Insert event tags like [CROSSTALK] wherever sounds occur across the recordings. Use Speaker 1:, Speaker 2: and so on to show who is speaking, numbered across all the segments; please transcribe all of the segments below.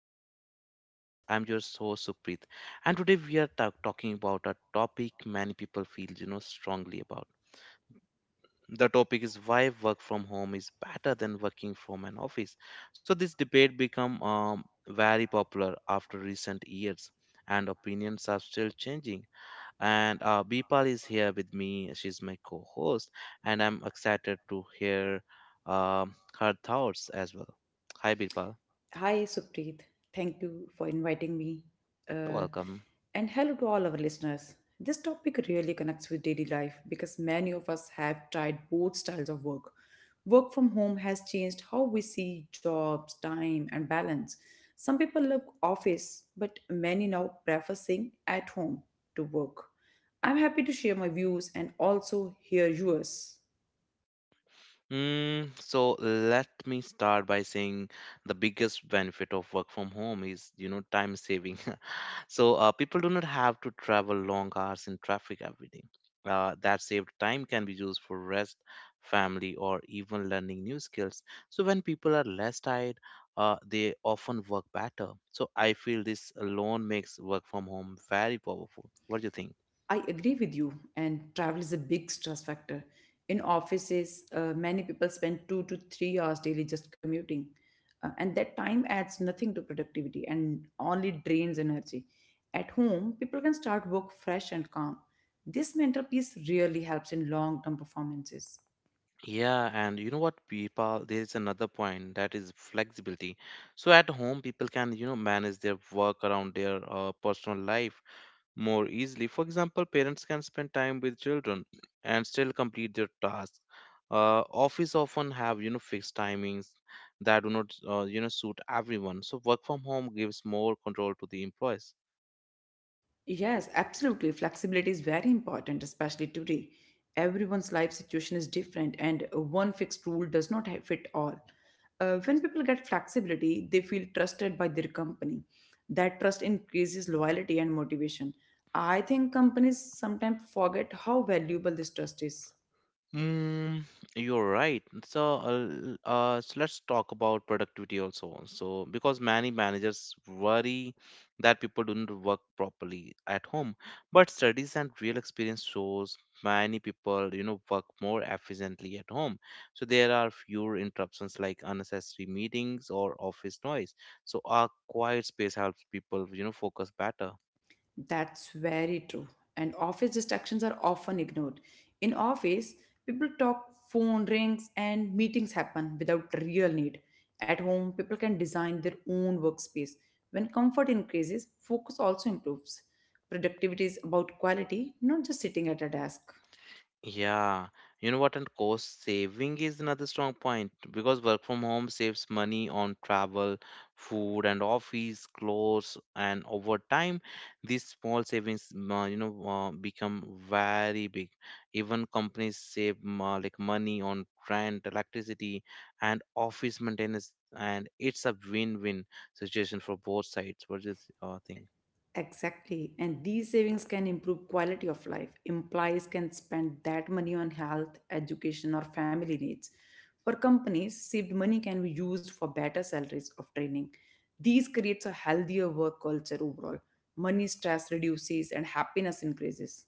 Speaker 1: back to our podcast. I'm your host Supreet, and today we are talking about a topic many people feel strongly about. The topic is why work from home is better than working from an office. So this debate become very popular after recent years, and opinions are still changing. And Bipal is here with me. She's my co-host, and I'm excited to hear her thoughts as well. Hi, Bipal.
Speaker 2: Hi, Supreet. Thank you for inviting me. Uh,
Speaker 1: Welcome.
Speaker 2: and hello to all our listeners. This topic really connects with daily life because many of us have tried both styles of work. Work from home has changed how we see jobs, time, and balance. Some people love office, but many now prefer staying at home to work. I'm happy to share my views and also hear yours.
Speaker 1: Mm, so let me start by saying the biggest benefit of work from home is, you know, time saving. [LAUGHS] So people do not have to travel long hours in traffic every day. That saved time can be used for rest, family, or even learning new skills. So when people are less tired, they often work better. So I feel this alone makes work from home very powerful. What do you think?
Speaker 2: I agree with you, and travel is a big stress factor. In offices, many people spend 2 to 3 hours daily just commuting, and that time adds nothing to productivity and only drains energy. At home, people can start work fresh and calm. This mental peace really helps in long term performances.
Speaker 1: Yeah, and you know what, people, there is another point that is flexibility. So at home, people can, you know, manage their work around their personal life more easily. For example, parents can spend time with children and still complete their tasks. Office often have, you know, fixed timings that do not, suit everyone. So work from home gives more control to the employees.
Speaker 2: Yes, absolutely. Flexibility is very important, especially today. Everyone's life situation is different, and one fixed rule does not fit all. When people get flexibility, they feel trusted by their company. That trust increases loyalty and motivation. I think companies sometimes forget how valuable this trust is.
Speaker 1: Mm, you're right. So, so let's talk about productivity also. So, because many managers worry that people don't work properly at home, but studies and real experience shows many people, you know, work more efficiently at home. So there are fewer interruptions like unnecessary meetings or office noise. So a quiet space helps people, you know, focus better.
Speaker 2: That's very true. And office distractions are often ignored. In office, people talk, phone rings, and meetings happen without real need. At home, people can design their own workspace. When comfort increases, focus also improves. Productivity is about quality, not just sitting at a desk.
Speaker 1: Yeah, you know what? And cost saving is another strong point because work from home saves money on travel, food, and office clothes. And over time, these small savings, become very big. Even companies save like money on rent, electricity, and office maintenance, and it's a win-win situation for both sides. What do you think?
Speaker 2: Exactly. And these savings can improve quality of life. Employees can spend that money on health, education, or family needs. For companies, saved money can be used for better salaries of training. These creates a healthier work culture overall. Money stress reduces and happiness increases.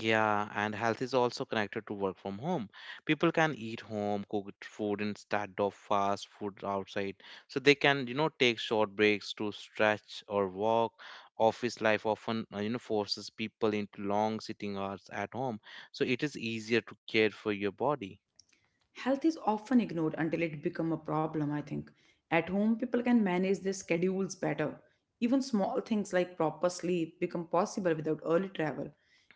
Speaker 1: Yeah, and health is also connected to work from home. People can eat home, cooked food instead of fast food outside. So they can, you know, take short breaks to stretch or walk. Office life often, forces people into long sitting hours at home. So it is easier to care for your body.
Speaker 2: Health is often ignored until it becomes a problem, I think. At home, people can manage their schedules better. Even small things like proper sleep become possible without early travel.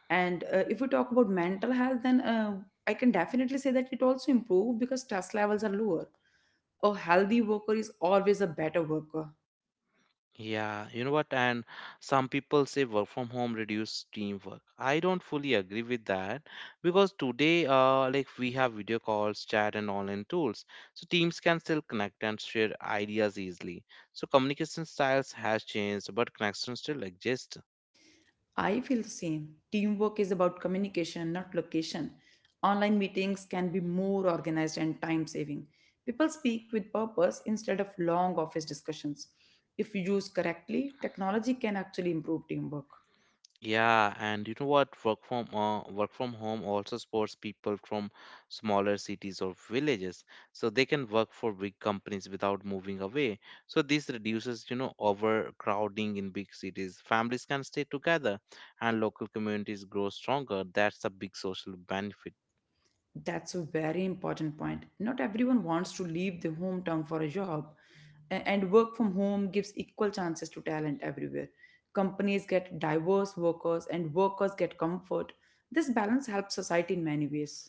Speaker 2: And if we talk about mental health, then I can definitely say that it also improved because stress levels are lower. A healthy worker is always a better worker.
Speaker 1: Yeah, you know what? And some people say work from home reduce teamwork. I don't fully agree with that because today, like we have video calls, chat, and online tools, so teams can still connect and share ideas easily. So communication styles has changed, but connections still exist.
Speaker 2: I feel the same. Teamwork is about communication, not location. Online meetings can be more organized and time saving. People speak with purpose instead of long office discussions. If used correctly, technology can actually improve teamwork.
Speaker 1: Yeah, and you know what? Work from home also supports people from smaller cities or villages, so they can work for big companies without moving away. So this reduces, you know, overcrowding in big cities. Families can stay together, and local communities grow stronger. That's a big social benefit.
Speaker 2: That's a very important point. Not everyone wants to leave their hometown for a job. And work from home gives equal chances to talent everywhere. Companies get diverse workers, and workers get comfort. This balance helps society in many ways.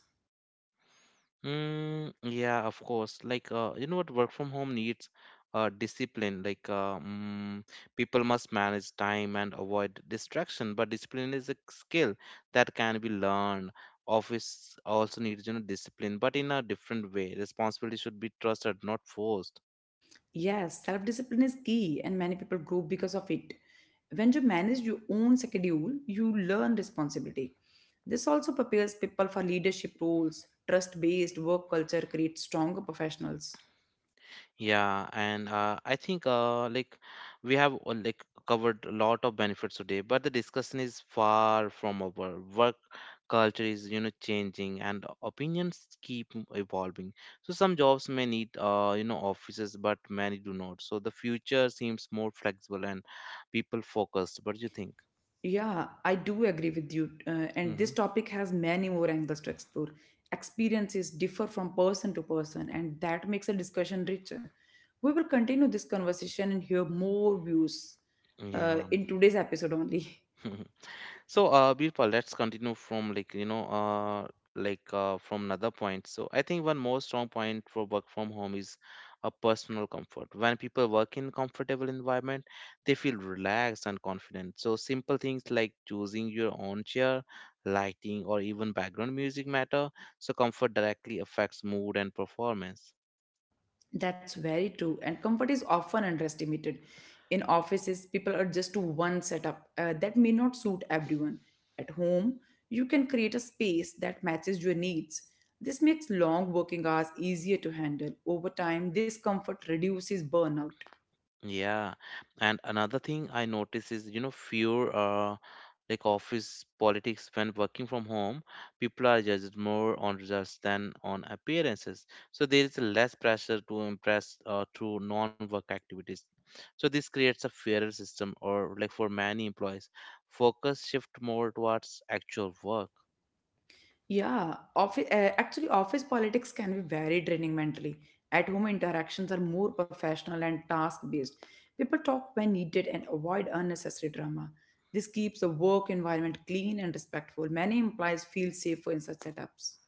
Speaker 1: Mm, yeah, of course. Like, you know what, work from home needs discipline. People must manage time and avoid distraction, but discipline is a skill that can be learned. Office also needs, you know, discipline, but in a different way. Responsibility should be trusted, not forced.
Speaker 2: Yes, self discipline is key, and many people grow because of it. When you manage your own schedule, you learn responsibility. This also prepares people for leadership roles. Trust based work culture creates stronger professionals.
Speaker 1: Yeah, and I think like we have like covered a lot of benefits today, but the discussion is far from over. Work culture is you know changing, and opinions keep evolving. So some jobs may need offices, but many do not. So the future seems more flexible and people focused. What do you think?
Speaker 2: Yeah, I do agree with you. And this
Speaker 1: Hmm.
Speaker 2: topic has many more angles to explore. Experiences differ from person to person, and that makes a discussion richer. We will continue this conversation and hear more views
Speaker 1: Yeah.
Speaker 2: in today's episode only. [LAUGHS]
Speaker 1: [LAUGHS] So, Birpa, let's continue from from another point. So, I think one more strong point for work from home is a personal comfort. When people work in comfortable environment, they feel relaxed and confident. So, simple things like choosing your own chair, lighting, or even background music matter. So, comfort directly affects mood and performance.
Speaker 2: That's very true. And comfort is often underestimated. In offices, people are just to one setup that may not suit everyone. At home, you can create a space that matches your needs. This makes long working hours easier to handle. Over time, this comfort reduces burnout.
Speaker 1: Yeah, and another thing I notice is, you know, fear, like office politics when working from home, people are judged more on results than on appearances. So there is less pressure to impress through non-work activities. So this creates a fairer system, or like for many employees, focus shift more towards actual work.
Speaker 2: Yeah, office politics can be very draining mentally. At home, interactions are more professional and task based. People talk when needed and avoid unnecessary drama. This keeps the work environment clean and respectful. Many employees feel safer in such setups.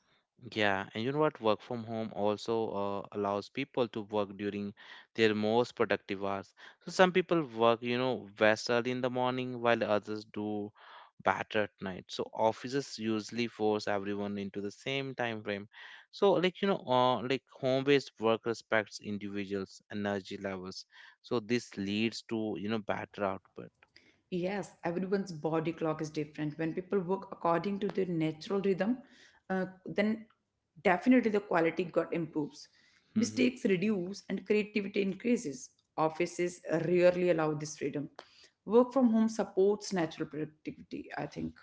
Speaker 1: Yeah, and you know what? Work from home also allows people to work during their most productive hours. So some people work, you know, best early in the morning while others do better at night. So offices usually force everyone into the same time frame. So like home-based work respects individuals' energy levels. So this leads to, you know, better output.
Speaker 2: Yes, everyone's body clock is different. When people work according to their natural rhythm, then definitely the quality got improves.
Speaker 1: Mm-hmm.
Speaker 2: Mistakes reduce and creativity increases. Offices rarely allow this freedom. Work from home supports natural productivity, I think.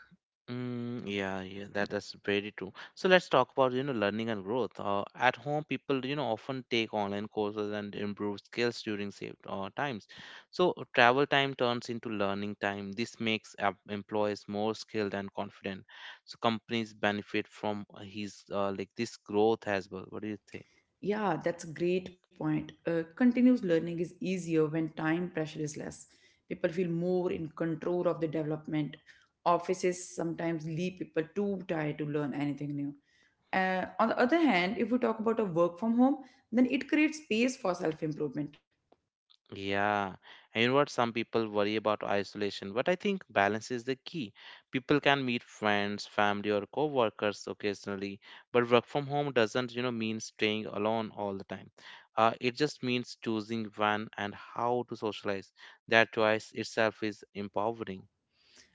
Speaker 1: Mm, yeah, yeah, that's very true. So let's talk about you know learning and growth. At home, people you know often take online courses and improve skills during saved times. So travel time turns into learning time. This makes employees more skilled and confident. So companies benefit from his like this growth as well. What do you think?
Speaker 2: Yeah, that's a great point. Continuous learning is easier when time pressure is less. People feel more in control of the development. Offices sometimes leave people too tired to learn anything new. On the other hand, if we talk about a work from home, then it creates space for self improvement.
Speaker 1: Yeah, and you know what? Some people worry about isolation, but I think balance is the key. People can meet friends, family, or co-workers occasionally, but work from home doesn't, you know, mean staying alone all the time. It just means choosing when and how to socialize. That choice itself is empowering.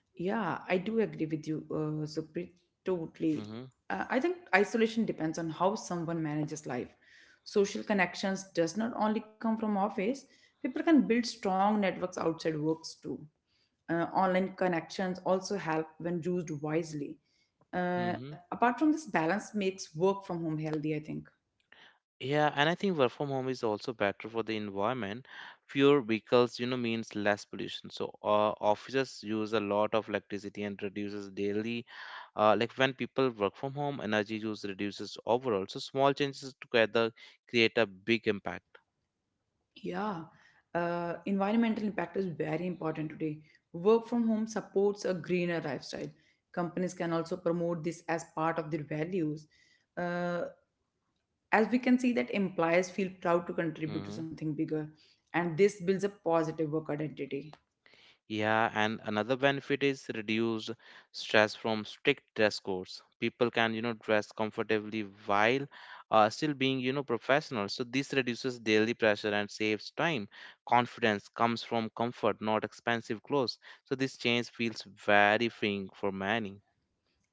Speaker 2: Yeah, I do agree with you, Zupri, totally.
Speaker 1: Mm-hmm.
Speaker 2: I think isolation depends on how someone manages life. Social connections does not only come from office. People can build strong networks outside works too. Online connections also help when used wisely.
Speaker 1: Mm-hmm.
Speaker 2: Apart from this, balance makes work from home healthy, I think.
Speaker 1: Yeah, and I think work from home is also better for the environment. Fewer vehicles, you know, means less pollution. So offices use a lot of electricity and reduces daily. Like when people work from home, energy use reduces overall. So small changes together create a big impact.
Speaker 2: Yeah, environmental impact is very important today. Work from home supports a greener lifestyle. Companies can also promote this as part of their values. Uh, As we can see, that employers feel proud to contribute to
Speaker 1: Mhm.
Speaker 2: something bigger, and this builds a positive work identity.
Speaker 1: Yeah, and another benefit is reduced stress from strict dress codes. People can, you know, dress comfortably while still being, you know, professional. So this reduces daily pressure and saves time. Confidence comes from comfort, not expensive clothes. So this change feels very freeing for many.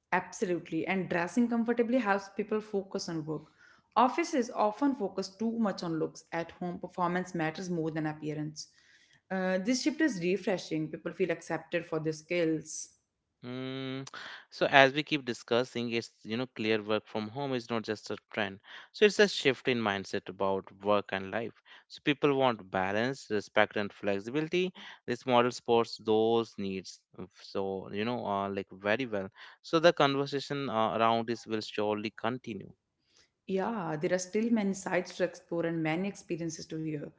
Speaker 2: Absolutely, and dressing comfortably helps people focus on work. Offices often focus too much on looks. At home, performance matters more than appearance. This shift is refreshing. People feel accepted for their skills.
Speaker 1: Mm, so as we keep discussing, it's you know clear work from home is not just a trend. So it's a shift in mindset about work and life. So people want balance, respect, and flexibility. This model supports those needs. So you know, like very well. So the conversation around this will surely continue.
Speaker 2: Yeah, there are still many sides to explore and many experiences to hear.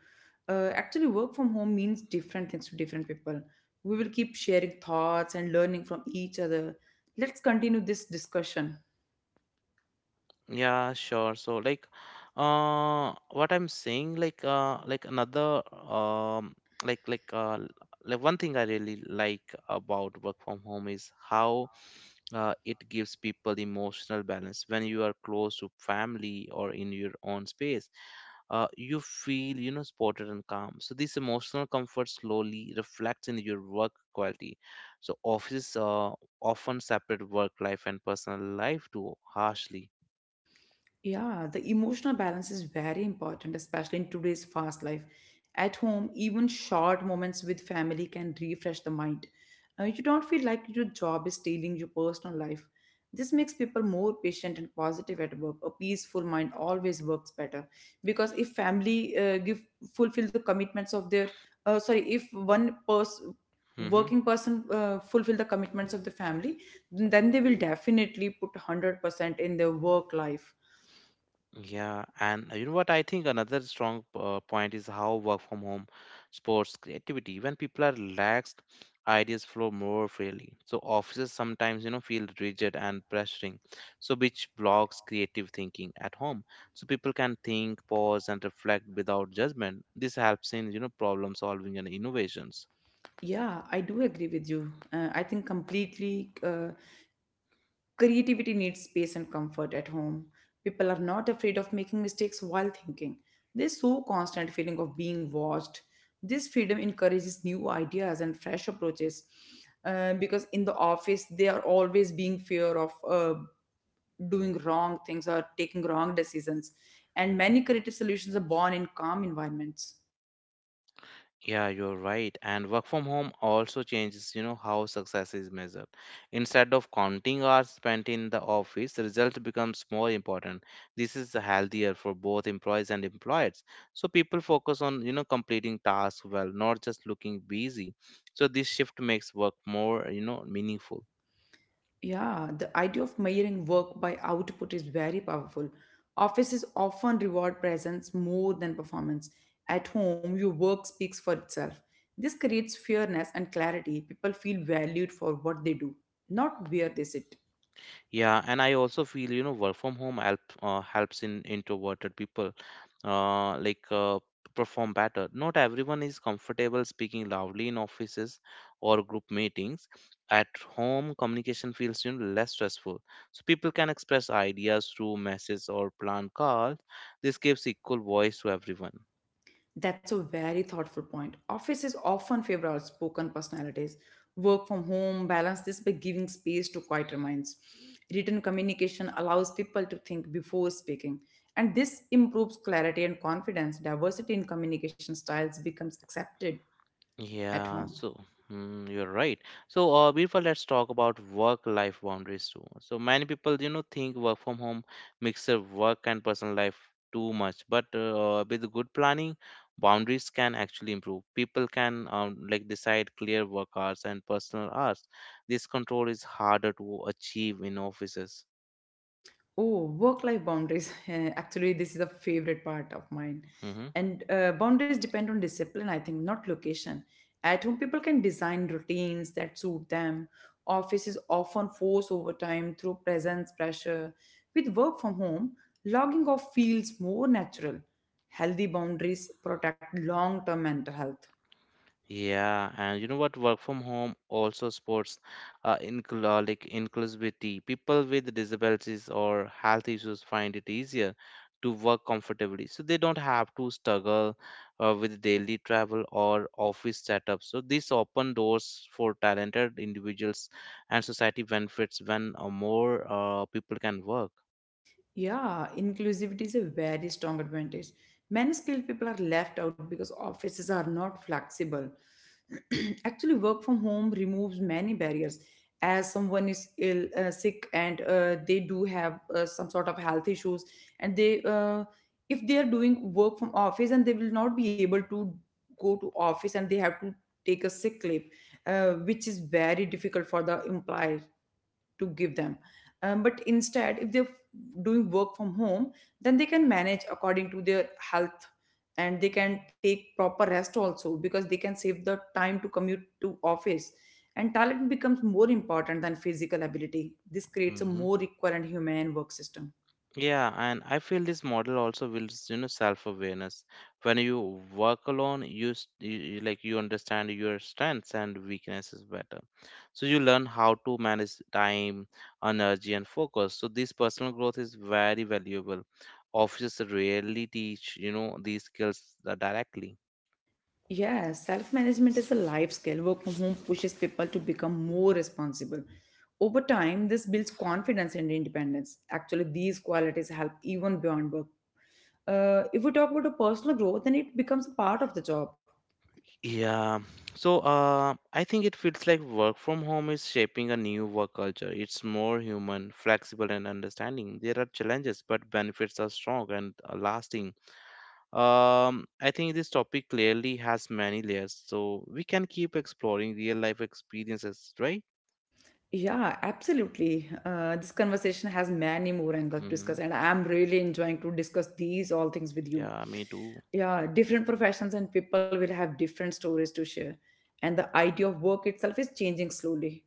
Speaker 2: Actually, work from home means different things to different people. We will keep sharing thoughts and learning from each other. Let's continue this discussion.
Speaker 1: Yeah, sure. So like what I'm saying like another like l- like one thing I really like about work from home is how it gives people emotional balance when you are close to family or in your own space, you feel you know supported and calm. So this emotional comfort slowly reflects in your work quality. So offices often separate work life and personal life too harshly.
Speaker 2: Yeah, the emotional balance is very important, especially in today's fast life. At home, even short moments with family can refresh the mind. You don't feel like your job is stealing your personal life. This makes people more patient and positive at work. A peaceful mind always works better because if family give fulfill the commitments of their sorry, if one person
Speaker 1: Mm-hmm.
Speaker 2: working person fulfill the commitments of the family, then they will definitely put 100% in their work life.
Speaker 1: Yeah, and you know what? I think another strong point is how work from home sports creativity. When people are relaxed, ideas flow more freely. So offices sometimes, you know, feel rigid and pressuring, so which blocks creative thinking at home. So people can think, pause, and reflect without judgment. This helps in, you know, problem solving and innovations.
Speaker 2: Yeah, I do agree with you. I think completely. Creativity needs space and comfort at home. People are not afraid of making mistakes while thinking. There's so constant feeling of being watched. This freedom encourages new ideas and fresh approaches. Because in the office, they are always being fear of doing wrong things or taking wrong decisions. And many creative solutions are born in calm environments.
Speaker 1: Yeah, you're right. And work from home also changes, you know, how success is measured. Instead of counting hours spent in the office, the result becomes more important. This is healthier for both employees and employers. So people focus on, you know, completing tasks well, not just looking busy. So this shift makes work more, you know, meaningful.
Speaker 2: Yeah, the idea of measuring work by output is very powerful. Offices often reward presence more than performance. At home, your work speaks for itself. This creates fairness and clarity. People feel valued for what they do, not where they sit.
Speaker 1: Yeah, and I also feel you know work from home helps in introverted people uh, like uh, perform better. Not everyone is comfortable speaking loudly in offices or group meetings. At home, communication feels you know, less stressful, so people can express ideas through messages or plan calls. This gives equal voice to everyone.
Speaker 2: That's a very thoughtful point. Offices often favor outspoken personalities. Work from home balance this by giving space to quieter minds. Written communication allows people to think before speaking, and this improves clarity and confidence. Diversity in communication styles becomes accepted at
Speaker 1: Yeah,
Speaker 2: home.
Speaker 1: so mm, you're right. So, Birpa, let's talk about work-life boundaries too. So many people, you know, think work from home mix up work and personal life too much, but with good planning, boundaries can actually improve. People can like decide clear work hours and personal hours. This control is harder to achieve in offices.
Speaker 2: Oh, work-life boundaries. [LAUGHS] Actually, this is a favorite part of mine.
Speaker 1: Mm-hmm.
Speaker 2: And boundaries depend on discipline, I think, not location. At home, people can design routines that suit them. Offices often force overtime through presence pressure. With work from home, logging off feels more natural. Healthy boundaries protect long-term mental health.
Speaker 1: Yeah, and you know what? Work from home also supports incl like inclusivity. People with disabilities or health issues find it easier to work comfortably, so they don't have to struggle with daily travel or office setup. So this open doors for talented individuals, and society benefits when more people can work.
Speaker 2: Yeah, inclusivity is a very strong advantage. Many skilled people are left out because offices are not flexible. [CLEARS THROAT] Actually, work from home removes many barriers. As someone is ill, sick, and they do have some sort of health issues, and if they are doing work from office, and they will not be able to go to office, and they have to take a sick leave, which is very difficult for the employer to give them. But instead, if they're doing work from home, then they can manage according to their health and they can take proper rest also because they can save the time to commute to office, and talent becomes more important than physical ability. This creates a
Speaker 1: Mhm.
Speaker 2: more equal and humane work system.
Speaker 1: Yeah, and I feel this model also builds, you know, self-awareness. When you work alone, you, s- you- like you understand your strengths and weaknesses better. So you learn how to manage time, energy, and focus. So this personal growth is very valuable. Offices rarely teach, these skills directly.
Speaker 2: Yeah, self management is a life skill. Work from home pushes people to become more responsible. Over time, this builds confidence and independence. Actually, these qualities help even beyond work. If we talk about a personal growth, then it becomes a part of the job.
Speaker 1: Yeah. So I think it feels like work from home is shaping a new work culture. It's more human, flexible, and understanding. There are challenges, but benefits are strong and lasting. I think this topic clearly has many layers, so we can keep exploring real life experiences, right?
Speaker 2: Yeah, absolutely. This conversation has many more angles to
Speaker 1: Mm-hmm.
Speaker 2: discuss, and I'm really enjoying to discuss these all things with you.
Speaker 1: Yeah, me too.
Speaker 2: Yeah, different professions and people will have different stories to share, and the idea of work itself is changing slowly.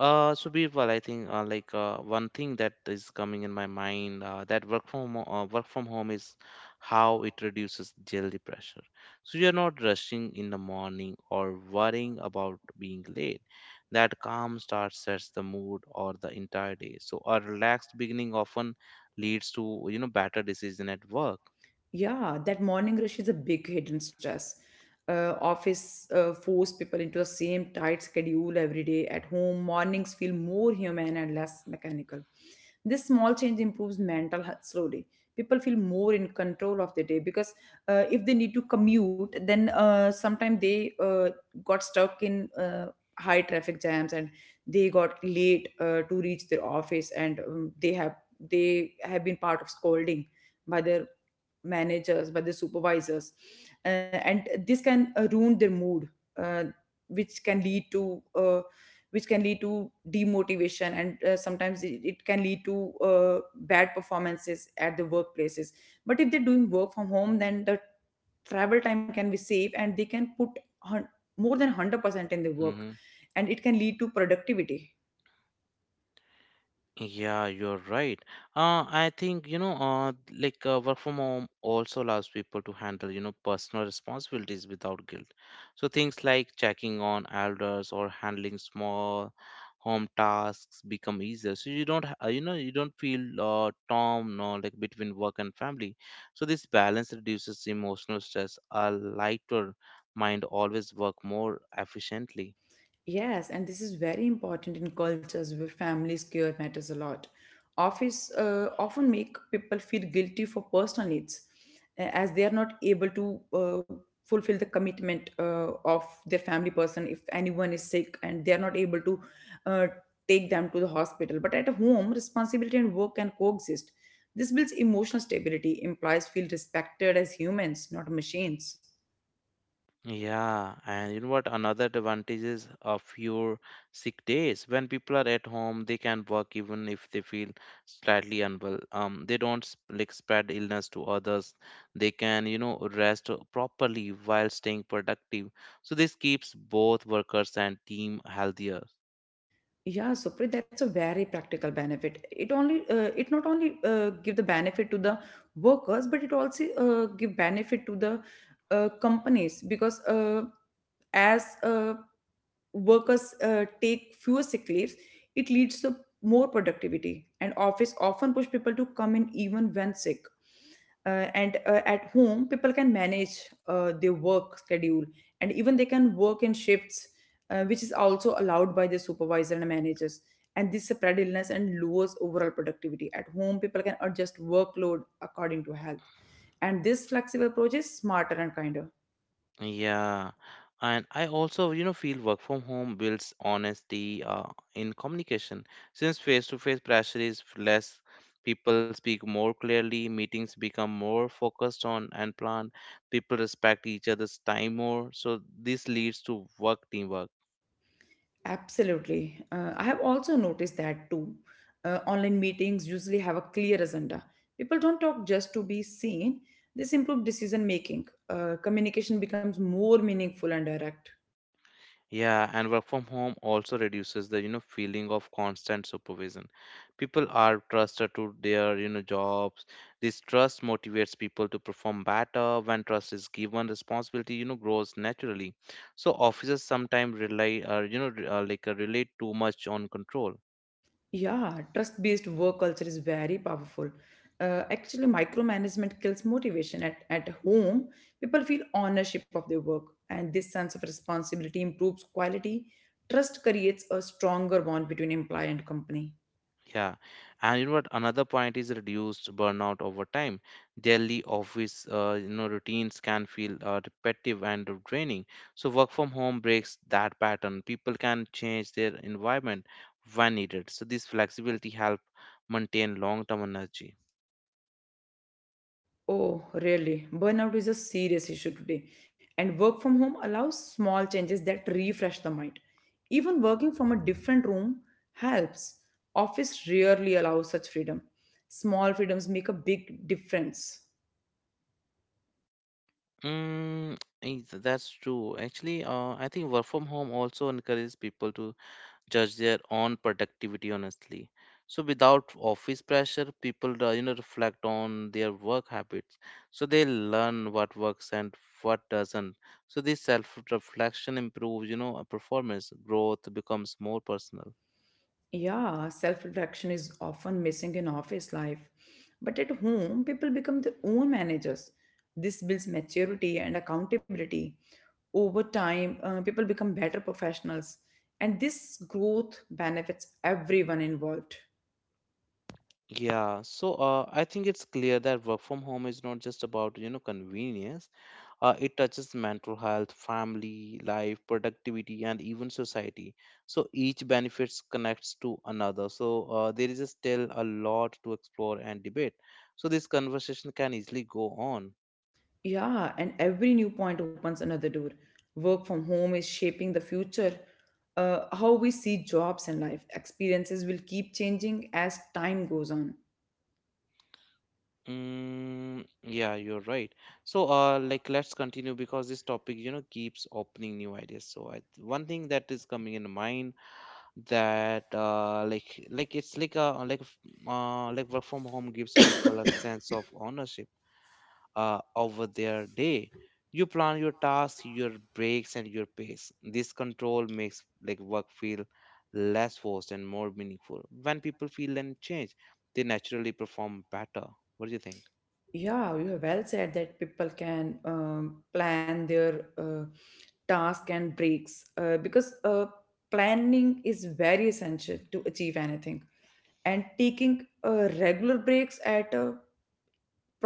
Speaker 1: So Birbal, I think one thing that is coming in my mind that work from home is how it reduces daily pressure. So you're not rushing in the morning or worrying about being late. That calm start sets the mood or the entire day. So a relaxed beginning often leads to better decision at work.
Speaker 2: Yeah, that morning rush is a big hidden stress. Office force people into the same tight schedule every day. At home, mornings feel more human and less mechanical. This small change improves mental health slowly. People feel more in control of their day because if they need to commute, then sometimes they got stuck in high traffic jams and they got late to reach their office, and they have been part of scolding by their managers, by the supervisors, and this can ruin their mood, uh, which can lead to uh, which can lead to demotivation, and sometimes it can lead to bad performances at the workplaces. But if they're doing work from home, then the travel time can be saved and they can put hun- more than 100% in the work,
Speaker 1: Mm-hmm.
Speaker 2: and it can lead to productivity.
Speaker 1: Yeah, you're right. I think, work from home also allows people to handle, personal responsibilities without guilt. So things like checking on elders or handling small home tasks become easier. So you don't, you don't feel torn, no, like between work and family. So this balance reduces emotional stress. A lighter mind always work more efficiently.
Speaker 2: Yes, and this is very important in cultures where family care matters a lot. Office often make people feel guilty for personal needs, as they are not able to fulfill the commitment of their family person. If anyone is sick and they are not able to uh, take them to the hospital. But at home, responsibility and work can coexist. This builds emotional stability, implies feel respected as humans, not machines.
Speaker 1: Yeah, and you know what? Another advantage is of your sick days. When people are at home, they can work even if they feel slightly unwell. They don't like spread illness to others. They can, rest properly while staying productive. So this keeps both workers and team healthier.
Speaker 2: Yeah, Supreet, that's a very practical benefit. It not only give the benefit to the workers, but it also give benefit to the companies, because as workers take fewer sick leaves, it leads to more productivity. And office often push people to come in even when sick, and at home people can manage their work schedule, and even they can work in shifts, which is also allowed by the supervisor and managers. And this spread illness and lowers overall productivity. At home people can adjust workload according to health, and this flexible approach is smarter and kinder.
Speaker 1: Yeah, and I also, feel work from home builds honesty in communication. Since face-to-face pressure is less, people speak more clearly, meetings become more focused on and planned, people respect each other's time more. So this leads to work teamwork.
Speaker 2: Absolutely. I have also noticed that too. Online meetings usually have a clear agenda. People don't talk just to be seen. This improves decision making. Communication becomes more meaningful and direct.
Speaker 1: Yeah, and work from home also reduces the, feeling of constant supervision. People are trusted to their, jobs. This trust motivates people to perform better. When trust is given, responsibility, grows naturally. So officers sometimes rely, relate too much on control.
Speaker 2: Yeah, trust based work culture is very powerful. Actually, micromanagement kills motivation. At home, people feel ownership of their work, and this sense of responsibility improves quality. Trust creates a stronger bond between employee and company.
Speaker 1: Yeah, and you know what? Another point is reduced burnout over time. Daily office, routines can feel repetitive and draining. So work from home breaks that pattern. People can change their environment when needed. So this flexibility help maintain long-term energy.
Speaker 2: Oh, really? Burnout is a serious issue today, and work from home allows small changes that refresh the mind. Even working from a different room helps. Office rarely allows such freedom. Small freedoms make a big difference.
Speaker 1: Mm, that's true. Actually, I think work from home also encourages people to judge their own productivity honestly, so without office pressure people reflect on their work habits, so they learn what works and what doesn't. So this self reflection improves, a performance growth becomes more personal.
Speaker 2: Yeah, self reflection is often missing in office life. But at home, people become their own managers. This builds maturity and accountability. Over time, people become better professionals, and this growth benefits everyone involved.
Speaker 1: Yeah, so I think it's clear that work from home is not just about, convenience. It touches mental health, family life, productivity, and even society. So each benefits connects to another. So there is still a lot to explore and debate. So this conversation can easily go on.
Speaker 2: Yeah, and every new point opens another door. Work from home is shaping the future. How we see jobs and life experiences will keep changing as time goes on.
Speaker 1: Mm, yeah, you're right. So like let's continue because this topic, keeps opening new ideas. So I, one thing that is coming in mind that like it's like a like f- like work from home gives people a sense of ownership over their day. You plan your tasks, your breaks, and your pace. This control makes like work feel less forced and more meaningful. When people feel and change, they naturally perform better. What do you think?
Speaker 2: Yeah, you have well said that people can plan their task and breaks, because planning is very essential to achieve anything. And taking regular breaks at a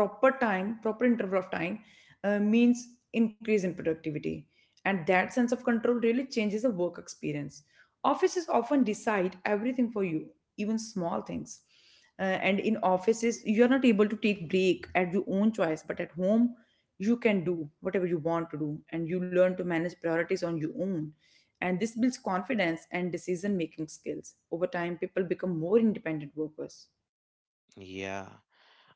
Speaker 2: proper time, proper interval of time, means increase in productivity, and that sense of control really changes the work experience. Offices often decide everything for you, even small things. And in offices you are not able to take break at your own choice, but at home you can do whatever you want to do, and you learn to manage priorities on your own, and this builds confidence and decision making skills. Over time people become more independent workers.
Speaker 1: Yeah.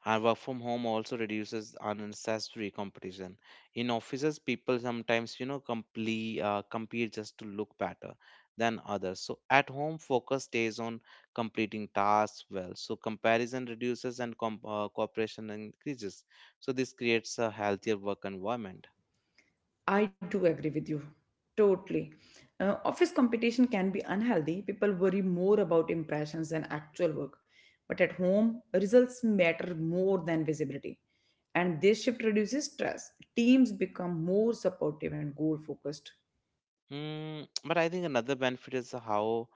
Speaker 1: And work from home also reduces unnecessary competition. In offices, people sometimes, compete just to look better than others. So at home, focus stays on completing tasks well. So comparison reduces and cooperation increases. So this creates a healthier work environment.
Speaker 2: I do agree with you. Totally. Office competition can be unhealthy. People worry more about impressions than actual work. But at home, results matter more than visibility. And this shift reduces stress. Teams become more supportive and goal focused.
Speaker 1: Mm, but I think another benefit is how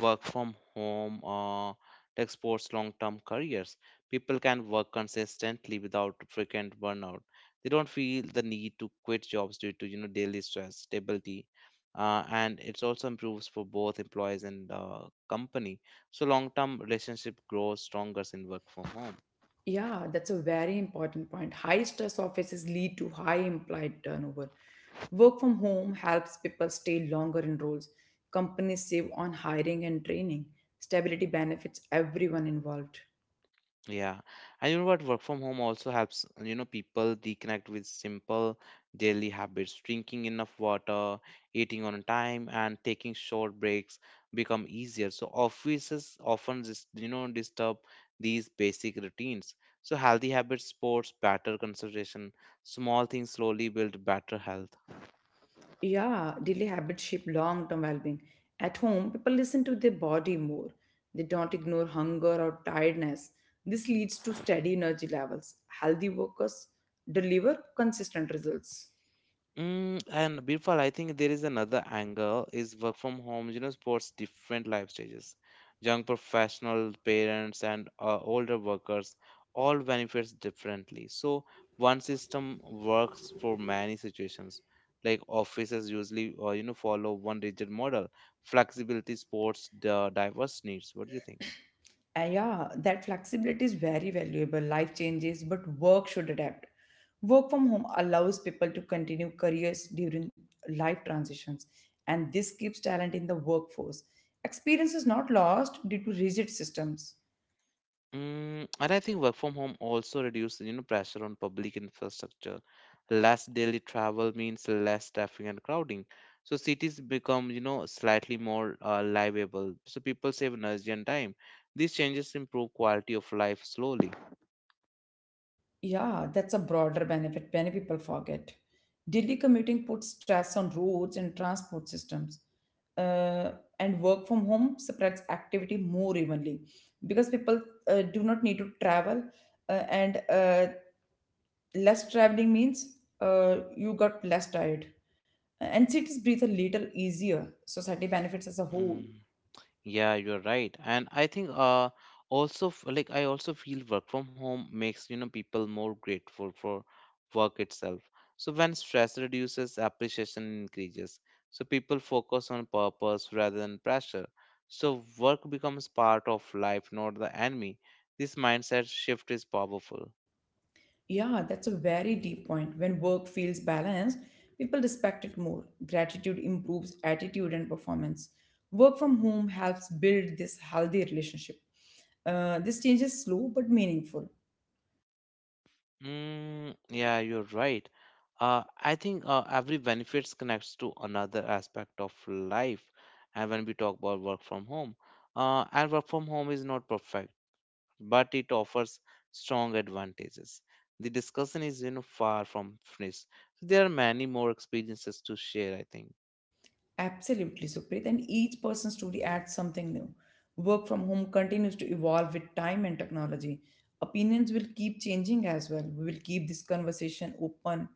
Speaker 1: work from home tech supports long-term careers. People can work consistently without frequent burnout. They don't feel the need to quit jobs due to you know daily stress, stability, and it also improves for both employees and company. So long-term relationship grows stronger in work from home.
Speaker 2: Yeah, that's a very important point. High stress offices lead to high implied turnover. Work from home helps people stay longer in roles. Companies save on hiring and training. Stability benefits everyone involved.
Speaker 1: Yeah, and you know what? Work from home also helps, people reconnect with simple daily habits. Drinking enough water, eating on time, and taking short breaks become easier. So offices often, disturb these basic routines. So healthy habits, sports, better concentration, small things slowly build better health.
Speaker 2: Yeah, daily habits shape long term well being. At home, people listen to their body more. They don't ignore hunger or tiredness. This leads to steady energy levels. Healthy workers deliver consistent results.
Speaker 1: Mm, and Birfal, I think there is another angle is work from home, supports different life stages. Young professional parents and older workers all benefits differently. So one system works for many situations. Like offices usually, follow one rigid model. Flexibility supports the diverse needs. What do you think?
Speaker 2: Yeah, that flexibility is very valuable. Life changes, but work should adapt. Work from home allows people to continue careers during life transitions, and this keeps talent in the workforce. Experience is not lost due to rigid systems.
Speaker 1: Mm, and I think work from home also reduces, pressure on public infrastructure. Less daily travel means less staffing and crowding. So cities become, slightly more livable. So people save energy and time. These changes improve quality of life slowly.
Speaker 2: Yeah, that's a broader benefit many people forget. Daily commuting puts stress on roads and transport systems. Uh, and work from home spreads activity more evenly because people do not need to travel, and less traveling means you got less tired. And cities breathe a little easier. Society benefits as a whole.
Speaker 1: Mm. Yeah, you're right. And I think also f- like I also feel work from home makes you know people more grateful for work itself. So when stress reduces, appreciation increases. So people focus on purpose rather than pressure. So work becomes part of life, not the enemy. This mindset shift is powerful.
Speaker 2: Yeah, that's a very deep point. When work feels balanced, people respect it more. Gratitude improves attitude and performance. Work from home helps build this healthy relationship. This change is slow but meaningful.
Speaker 1: Mm, yeah, you're right. I think every benefits connects to another aspect of life. And when we talk about work from home, and work from home is not perfect, but it offers strong advantages. The discussion is, far from finished. So there are many more experiences to share, I think.
Speaker 2: Absolutely, Supreet. And each person's story adds something new. Work from home continues to evolve with time and technology. Opinions will keep changing as well. We will keep this conversation open,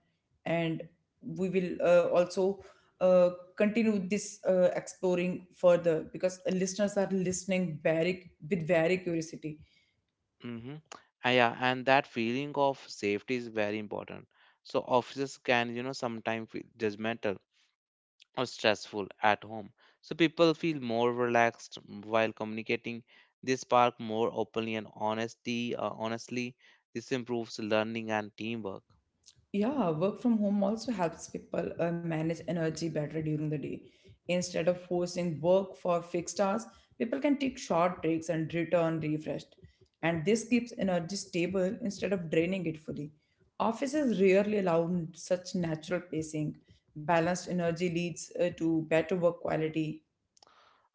Speaker 2: and we will also uh, continue this exploring further, because listeners are listening very with very curiosity.
Speaker 1: Mm-hmm. Yeah, and that feeling of safety is very important. So officers can, sometimes feel judgmental or stressful at home. So people feel more relaxed while communicating. They spark more openly and honesty. Honestly, this improves learning and teamwork.
Speaker 2: Yeah, work from home also helps people manage energy better during the day. Instead of forcing work for fixed hours, people can take short breaks and return refreshed. And this keeps energy stable instead of draining it fully. Offices rarely allow such natural pacing. Balanced energy leads to better work quality.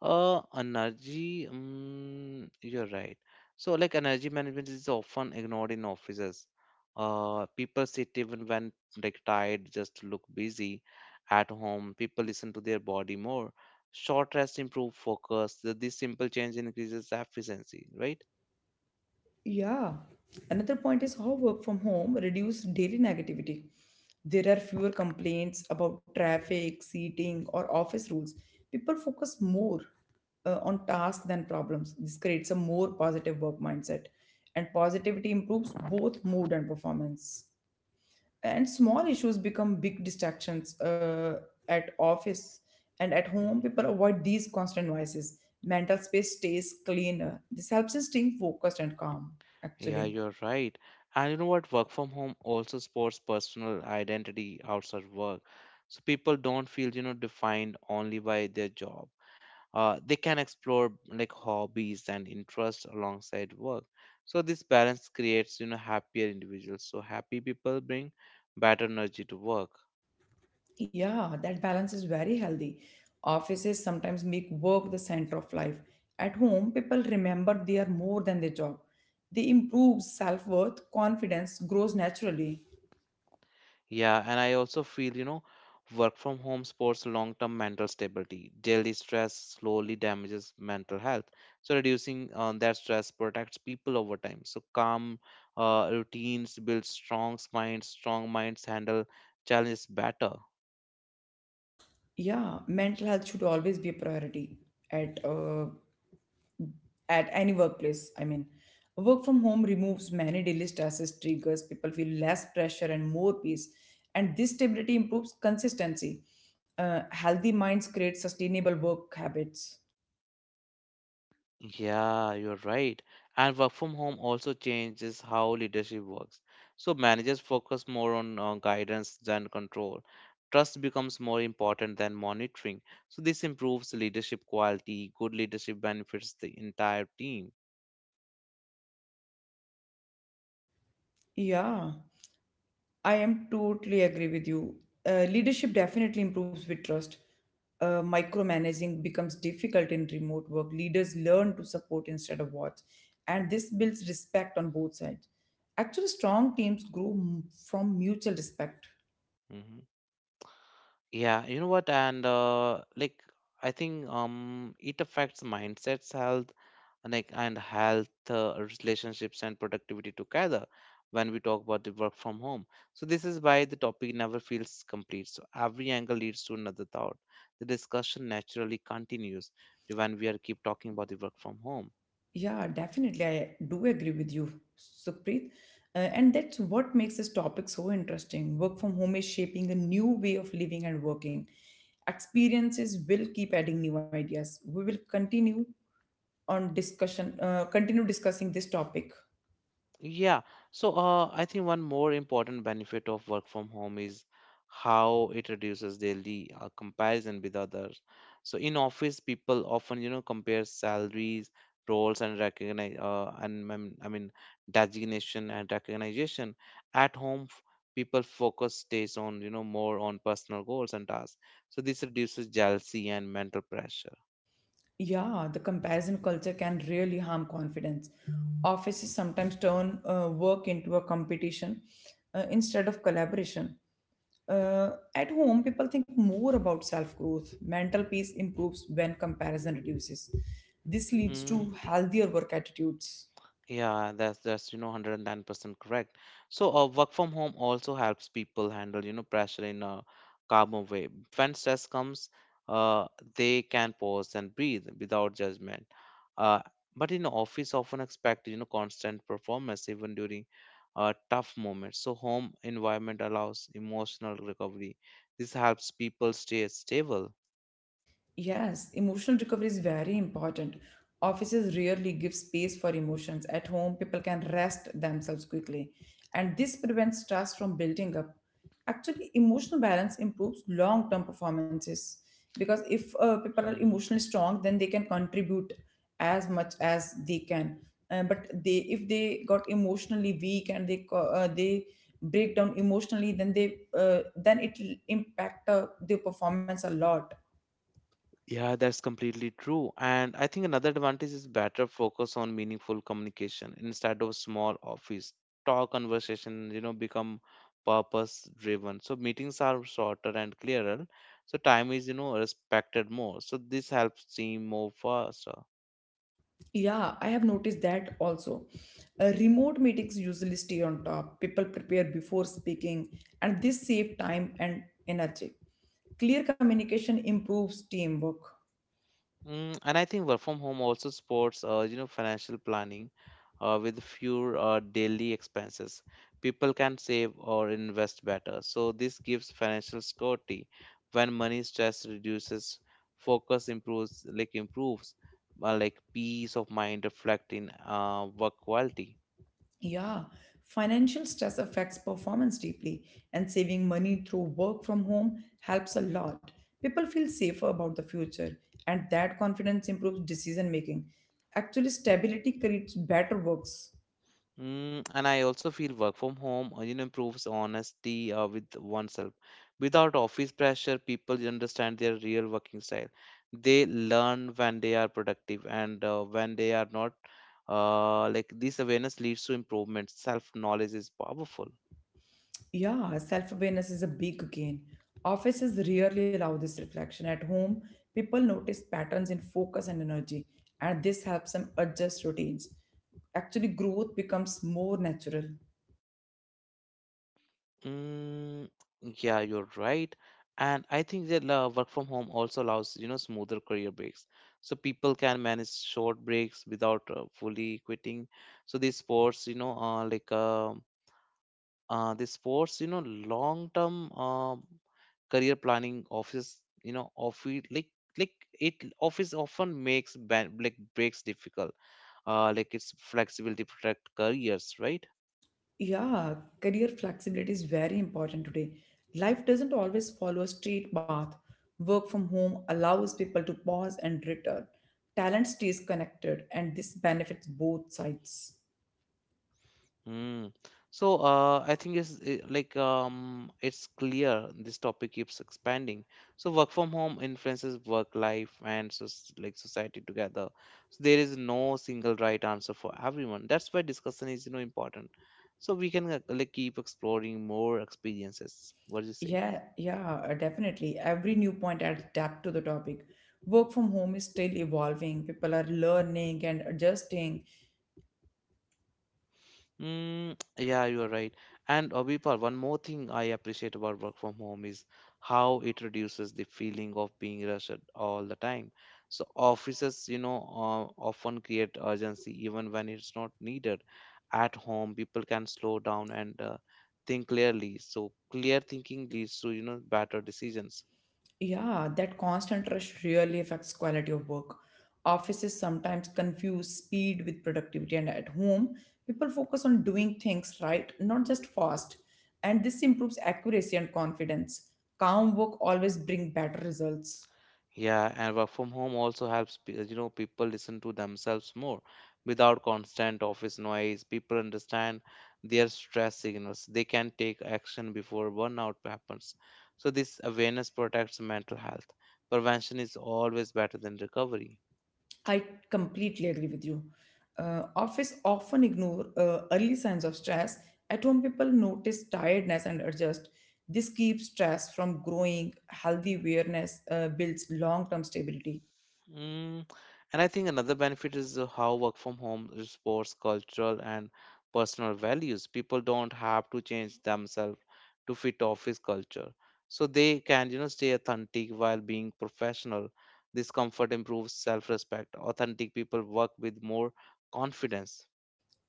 Speaker 1: Energy. Mm, you're right. So like energy management is often ignored in offices. People sit even when like tired, just to look busy. At home, people listen to their body more. Short rest improve focus. This simple change increases efficiency, right?
Speaker 2: Yeah. Another point is how work from home reduced daily negativity. There are fewer complaints about traffic, seating, or office rules. People focus more on tasks than problems. This creates a more positive work mindset, and positivity improves both mood and performance. And small issues become big distractions at office, and at home people avoid these constant noises. Mental space stays cleaner. This helps us staying focused and calm,
Speaker 1: Yeah,
Speaker 2: actually.
Speaker 1: you're right. And you know what? Work from home also supports personal identity outside work. So people don't feel, defined only by their job. They can explore like hobbies and interests alongside work. So this balance creates, happier individuals. So happy people bring better energy to work.
Speaker 2: Yeah, that balance is very healthy. Offices sometimes make work the center of life. At home, people remember they are more than their job. They improve self-worth. Confidence grows naturally.
Speaker 1: Yeah, and I also feel, work from home supports long term mental stability. Daily stress slowly damages mental health. So, reducing that stress protects people over time. So, calm routines build strong minds handle challenges better.
Speaker 2: Yeah, mental health should always be a priority at uh, at any workplace. I mean, work from home removes many daily stresses, triggers, people feel less pressure and more peace. And this stability improves consistency. Healthy minds create sustainable work habits.
Speaker 1: Yeah, you're right. And work from home also changes how leadership works. So managers focus more on guidance than control. Trust becomes more important than monitoring. So this improves leadership quality. Good leadership benefits the entire team.
Speaker 2: Yeah. I am totally agree with you. Leadership definitely improves with trust. Micromanaging becomes difficult in remote work. Leaders learn to support instead of watch, and this builds respect on both sides. Actually, strong teams grow from mutual respect.
Speaker 1: Hmm. Yeah, you know what? And I think it affects mindsets, health, like and health relationships and productivity together when we talk about the work from home. So this is why the topic never feels complete, so every angle leads to another thought. The discussion naturally continues when we are keep talking about the work from home.
Speaker 2: Yeah, definitely, I do agree with you, Supreet. And that's what makes this topic so interesting. Work from home is shaping a new way of living and working. Experiences will keep adding new ideas. We will continue on discussion continue discussing this topic.
Speaker 1: Yeah. So I think one more important benefit of work from home is how it reduces daily comparison with others. So in office, people often, compare salaries, roles, and recognize and I mean designation and recognition. At home, people focus stays on, more on personal goals and tasks. So this reduces jealousy and mental pressure.
Speaker 2: Yeah, the comparison culture can really harm confidence. Offices sometimes turn work into a competition instead of collaboration. uh, at home, people think more about self growth. Mental peace improves when comparison reduces. This leads
Speaker 1: Hmm.
Speaker 2: to healthier work attitudes.
Speaker 1: Yeah, that's you know 110% correct. So work from home also helps people handle you know pressure in a calmer way. When stress comes, uh, they can pause and breathe without judgment. Uh, but in office, often expect you know constant performance even during tough moments. So home environment allows emotional recovery. This helps people stay stable.
Speaker 2: Yes, emotional recovery is very important. Offices rarely give space for emotions. At home, people can rest themselves quickly, and this prevents stress from building up. Actually, emotional balance improves long term performances, because if people are
Speaker 1: [LAUGHS]
Speaker 2: emotionally strong, then they can contribute as much as they can. But if they got emotionally weak and they break down emotionally, then they then it will impact their performance a lot.
Speaker 1: Yeah, that's completely true. And I think another advantage is better focus on meaningful communication instead of small office talk conversation, become purpose driven. So meetings are shorter and clearer. So time is, respected more. So this helps team move faster.
Speaker 2: Yeah, I have noticed that also. Remote meetings usually stay on top, people prepare before speaking, and this saves time and energy. Clear communication improves teamwork.
Speaker 1: Mm, and I think work from home also supports, financial planning with fewer daily expenses. People can save or invest better. So this gives financial security. When money stress reduces, focus improves, like peace of mind reflect in work quality.
Speaker 2: Yeah, financial stress affects performance deeply, and saving money through work from home helps a lot. People feel safer about the future, and that confidence improves decision making. Actually, stability creates better works.
Speaker 1: Mm, and I also feel work from home improves honesty with oneself. Without office pressure, people understand their real working style. They learn when they are productive and when they are not. Like this awareness leads to improvement. Self knowledge is powerful.
Speaker 2: Yeah, self awareness is a big gain. Offices rarely allow this reflection. At home, people notice patterns in focus and energy, and this helps them adjust routines. Actually, growth becomes more natural.
Speaker 1: Mm, yeah, you're right. And I think that work from home also allows, smoother career breaks. So people can manage short breaks without fully quitting. So these sports, these sports, long-term career planning office, office like it office often makes ban like breaks difficult. Like it's flexibility to protect careers, right?
Speaker 2: Yeah, career flexibility is very important today. Life doesn't always follow a straight path. Work from home allows people to pause and return. Talent stays connected, and this benefits both sides.
Speaker 1: Mm. So I think it's eh, like it's clear this topic keeps expanding. So work from home influences work life and so, like society together. So there is no single right answer for everyone. That's why discussion is, you know, important. So we can like keep exploring more experiences. What do you say?
Speaker 2: Yeah, yeah, definitely. Every new point adds depth to the topic. Work from home is still evolving. People are learning and adjusting.
Speaker 1: Mm, yeah, you're right. And Abhipar, one more thing I appreciate about work from home is how it reduces the feeling of being rushed all the time. So offices, often create urgency even when it's not needed. At home, people can slow down and think clearly. So clear thinking leads to, you know, better decisions.
Speaker 2: Yeah, that constant rush really affects quality of work. Offices sometimes confuse speed with productivity, and at home, people focus on doing things right, not just fast. And this improves accuracy and confidence. Calm work always bring better results.
Speaker 1: Yeah, and work from home also helps people listen to themselves more without constant office noise. People understand their stress signals. They can take action before burnout happens. So this awareness protects mental health. Prevention is always better than recovery.
Speaker 2: I completely agree with you. Office often ignore early signs of stress. At home, people notice tiredness and adjust. This keeps stress from growing. Healthy awareness builds long term stability.
Speaker 1: Mm, and I think another benefit is how work from home supports cultural and personal values. People don't have to change themselves to fit office culture. So they can, you know, stay authentic while being professional. This comfort improves self-respect. Authentic people work with more confidence.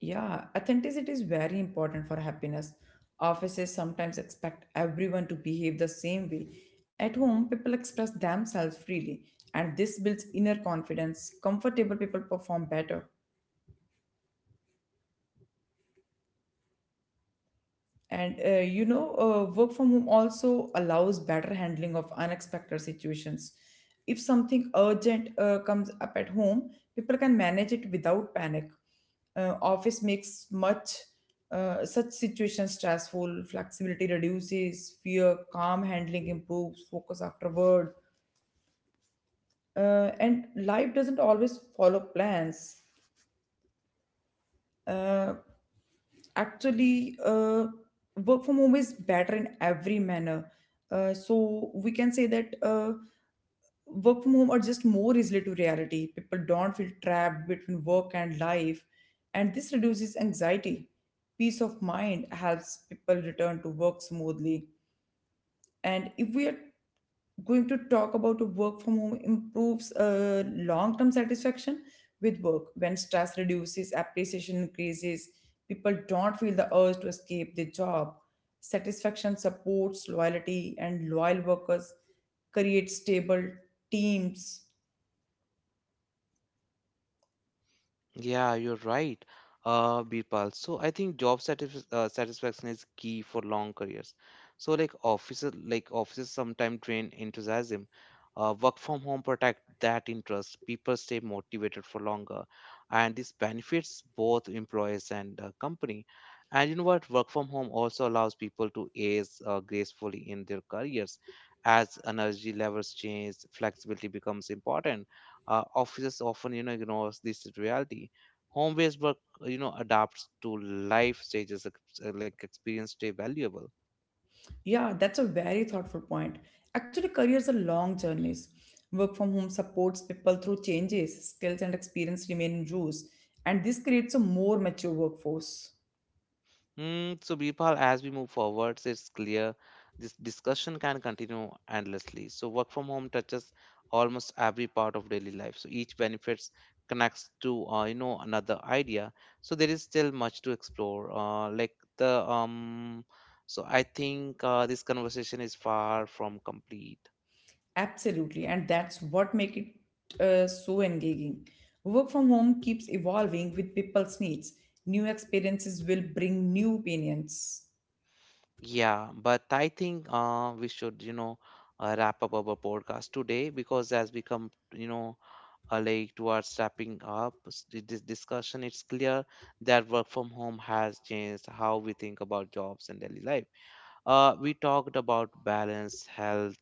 Speaker 2: Yeah, authenticity is very important for happiness. Offices sometimes expect everyone to behave the same way. At home, people express themselves freely, and this builds inner confidence. Comfortable people perform better. And work from home also allows better handling of unexpected situations. If something urgent comes up at home, people can manage it without panic. Office makes much such situations stressful. Flexibility reduces fear. Calm handling improves focus afterward. And life doesn't always follow plans. uh, actually, work from home is better in every manner, so we can say that work from home are just more easily to reality. People don't feel trapped between work and life, and this reduces anxiety. Peace of mind helps people return to work smoothly. And if we are going to talk about work from home, improves long-term satisfaction with work. When stress reduces, appreciation increases. People don't feel the urge to escape their job. Satisfaction supports loyalty, and loyal workers create stable teams.
Speaker 1: Yeah, you're right, Birpal. So I think job satisf satisfaction is key for long careers. So like offices sometimes drain enthusiasm. Work from home protect that interest. People stay motivated for longer, and this benefits both employees and company. And you know what? Work from home also allows people to age gracefully in their careers. As energy levels change, flexibility becomes important. Offices often, you know, ignores this reality. Home-based work, you know, adapts to life stages experience stay valuable.
Speaker 2: Yeah, that's a very thoughtful point. Actually, careers are long journeys. Work from home supports people through changes. Skills and experience remain in use, and this creates a more mature workforce.
Speaker 1: Mm, so, Bipal, as we move forward, so it's clear this discussion can continue endlessly. So, work from home touches almost every part of daily life. So, each benefits connects to, you know, another idea. So, there is still much to explore. Like the so I think this conversation is far from complete.
Speaker 2: Absolutely, and that's what make it so engaging. Work from home keeps evolving with people's needs. New experiences will bring new opinions.
Speaker 1: Yeah, but I think we should, you know, wrap up our podcast today because as we come, you know, like towards wrapping up this discussion. It's clear that work from home has changed how we think about jobs and daily life. We talked about balance, health,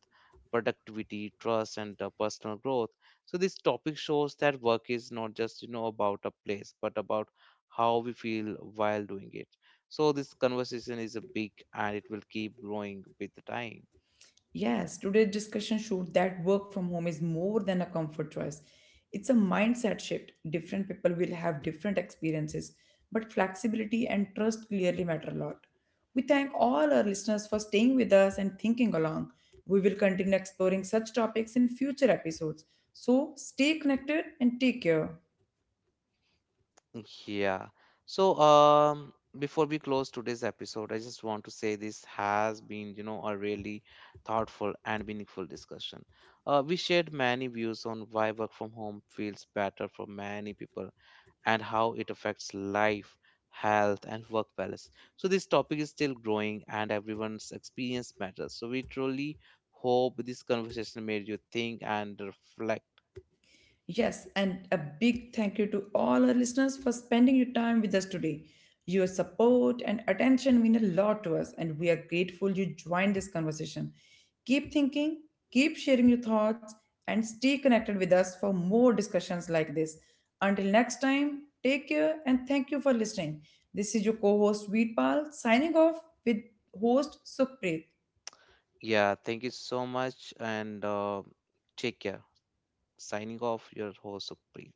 Speaker 1: productivity, trust, and personal growth. So this topic shows that work is not just, you know, about a place, but about how we feel while doing it. So this conversation is a big, and it will keep growing with the time.
Speaker 2: Yes, today's discussion showed that work from home is more than a comfort choice. It's a mindset shift. Different people will have different experiences, but flexibility and trust clearly matter a lot. We thank all our listeners for staying with us and thinking along. We will continue exploring such topics in future episodes. So stay connected and take care.
Speaker 1: Yeah. So, before we close today's episode, I just want to say this has been, you know, a really thoughtful and meaningful discussion. We shared many views on why work from home feels better for many people and how it affects life, health, and work balance. So, this topic is still growing and everyone's experience matters. So, we truly hope this conversation made you think and reflect.
Speaker 2: Yes, and a big thank you to all our listeners for spending your time with us today. Your support and attention mean a lot to us, and we are grateful you joined this conversation. Keep thinking, keep sharing your thoughts, and stay connected with us for more discussions like this. Until next time, take care and thank you for listening. This is your co host Veerpal signing off with host Sukhpreet.
Speaker 1: Yeah, thank you so much and take care. Signing off, your host Supreet.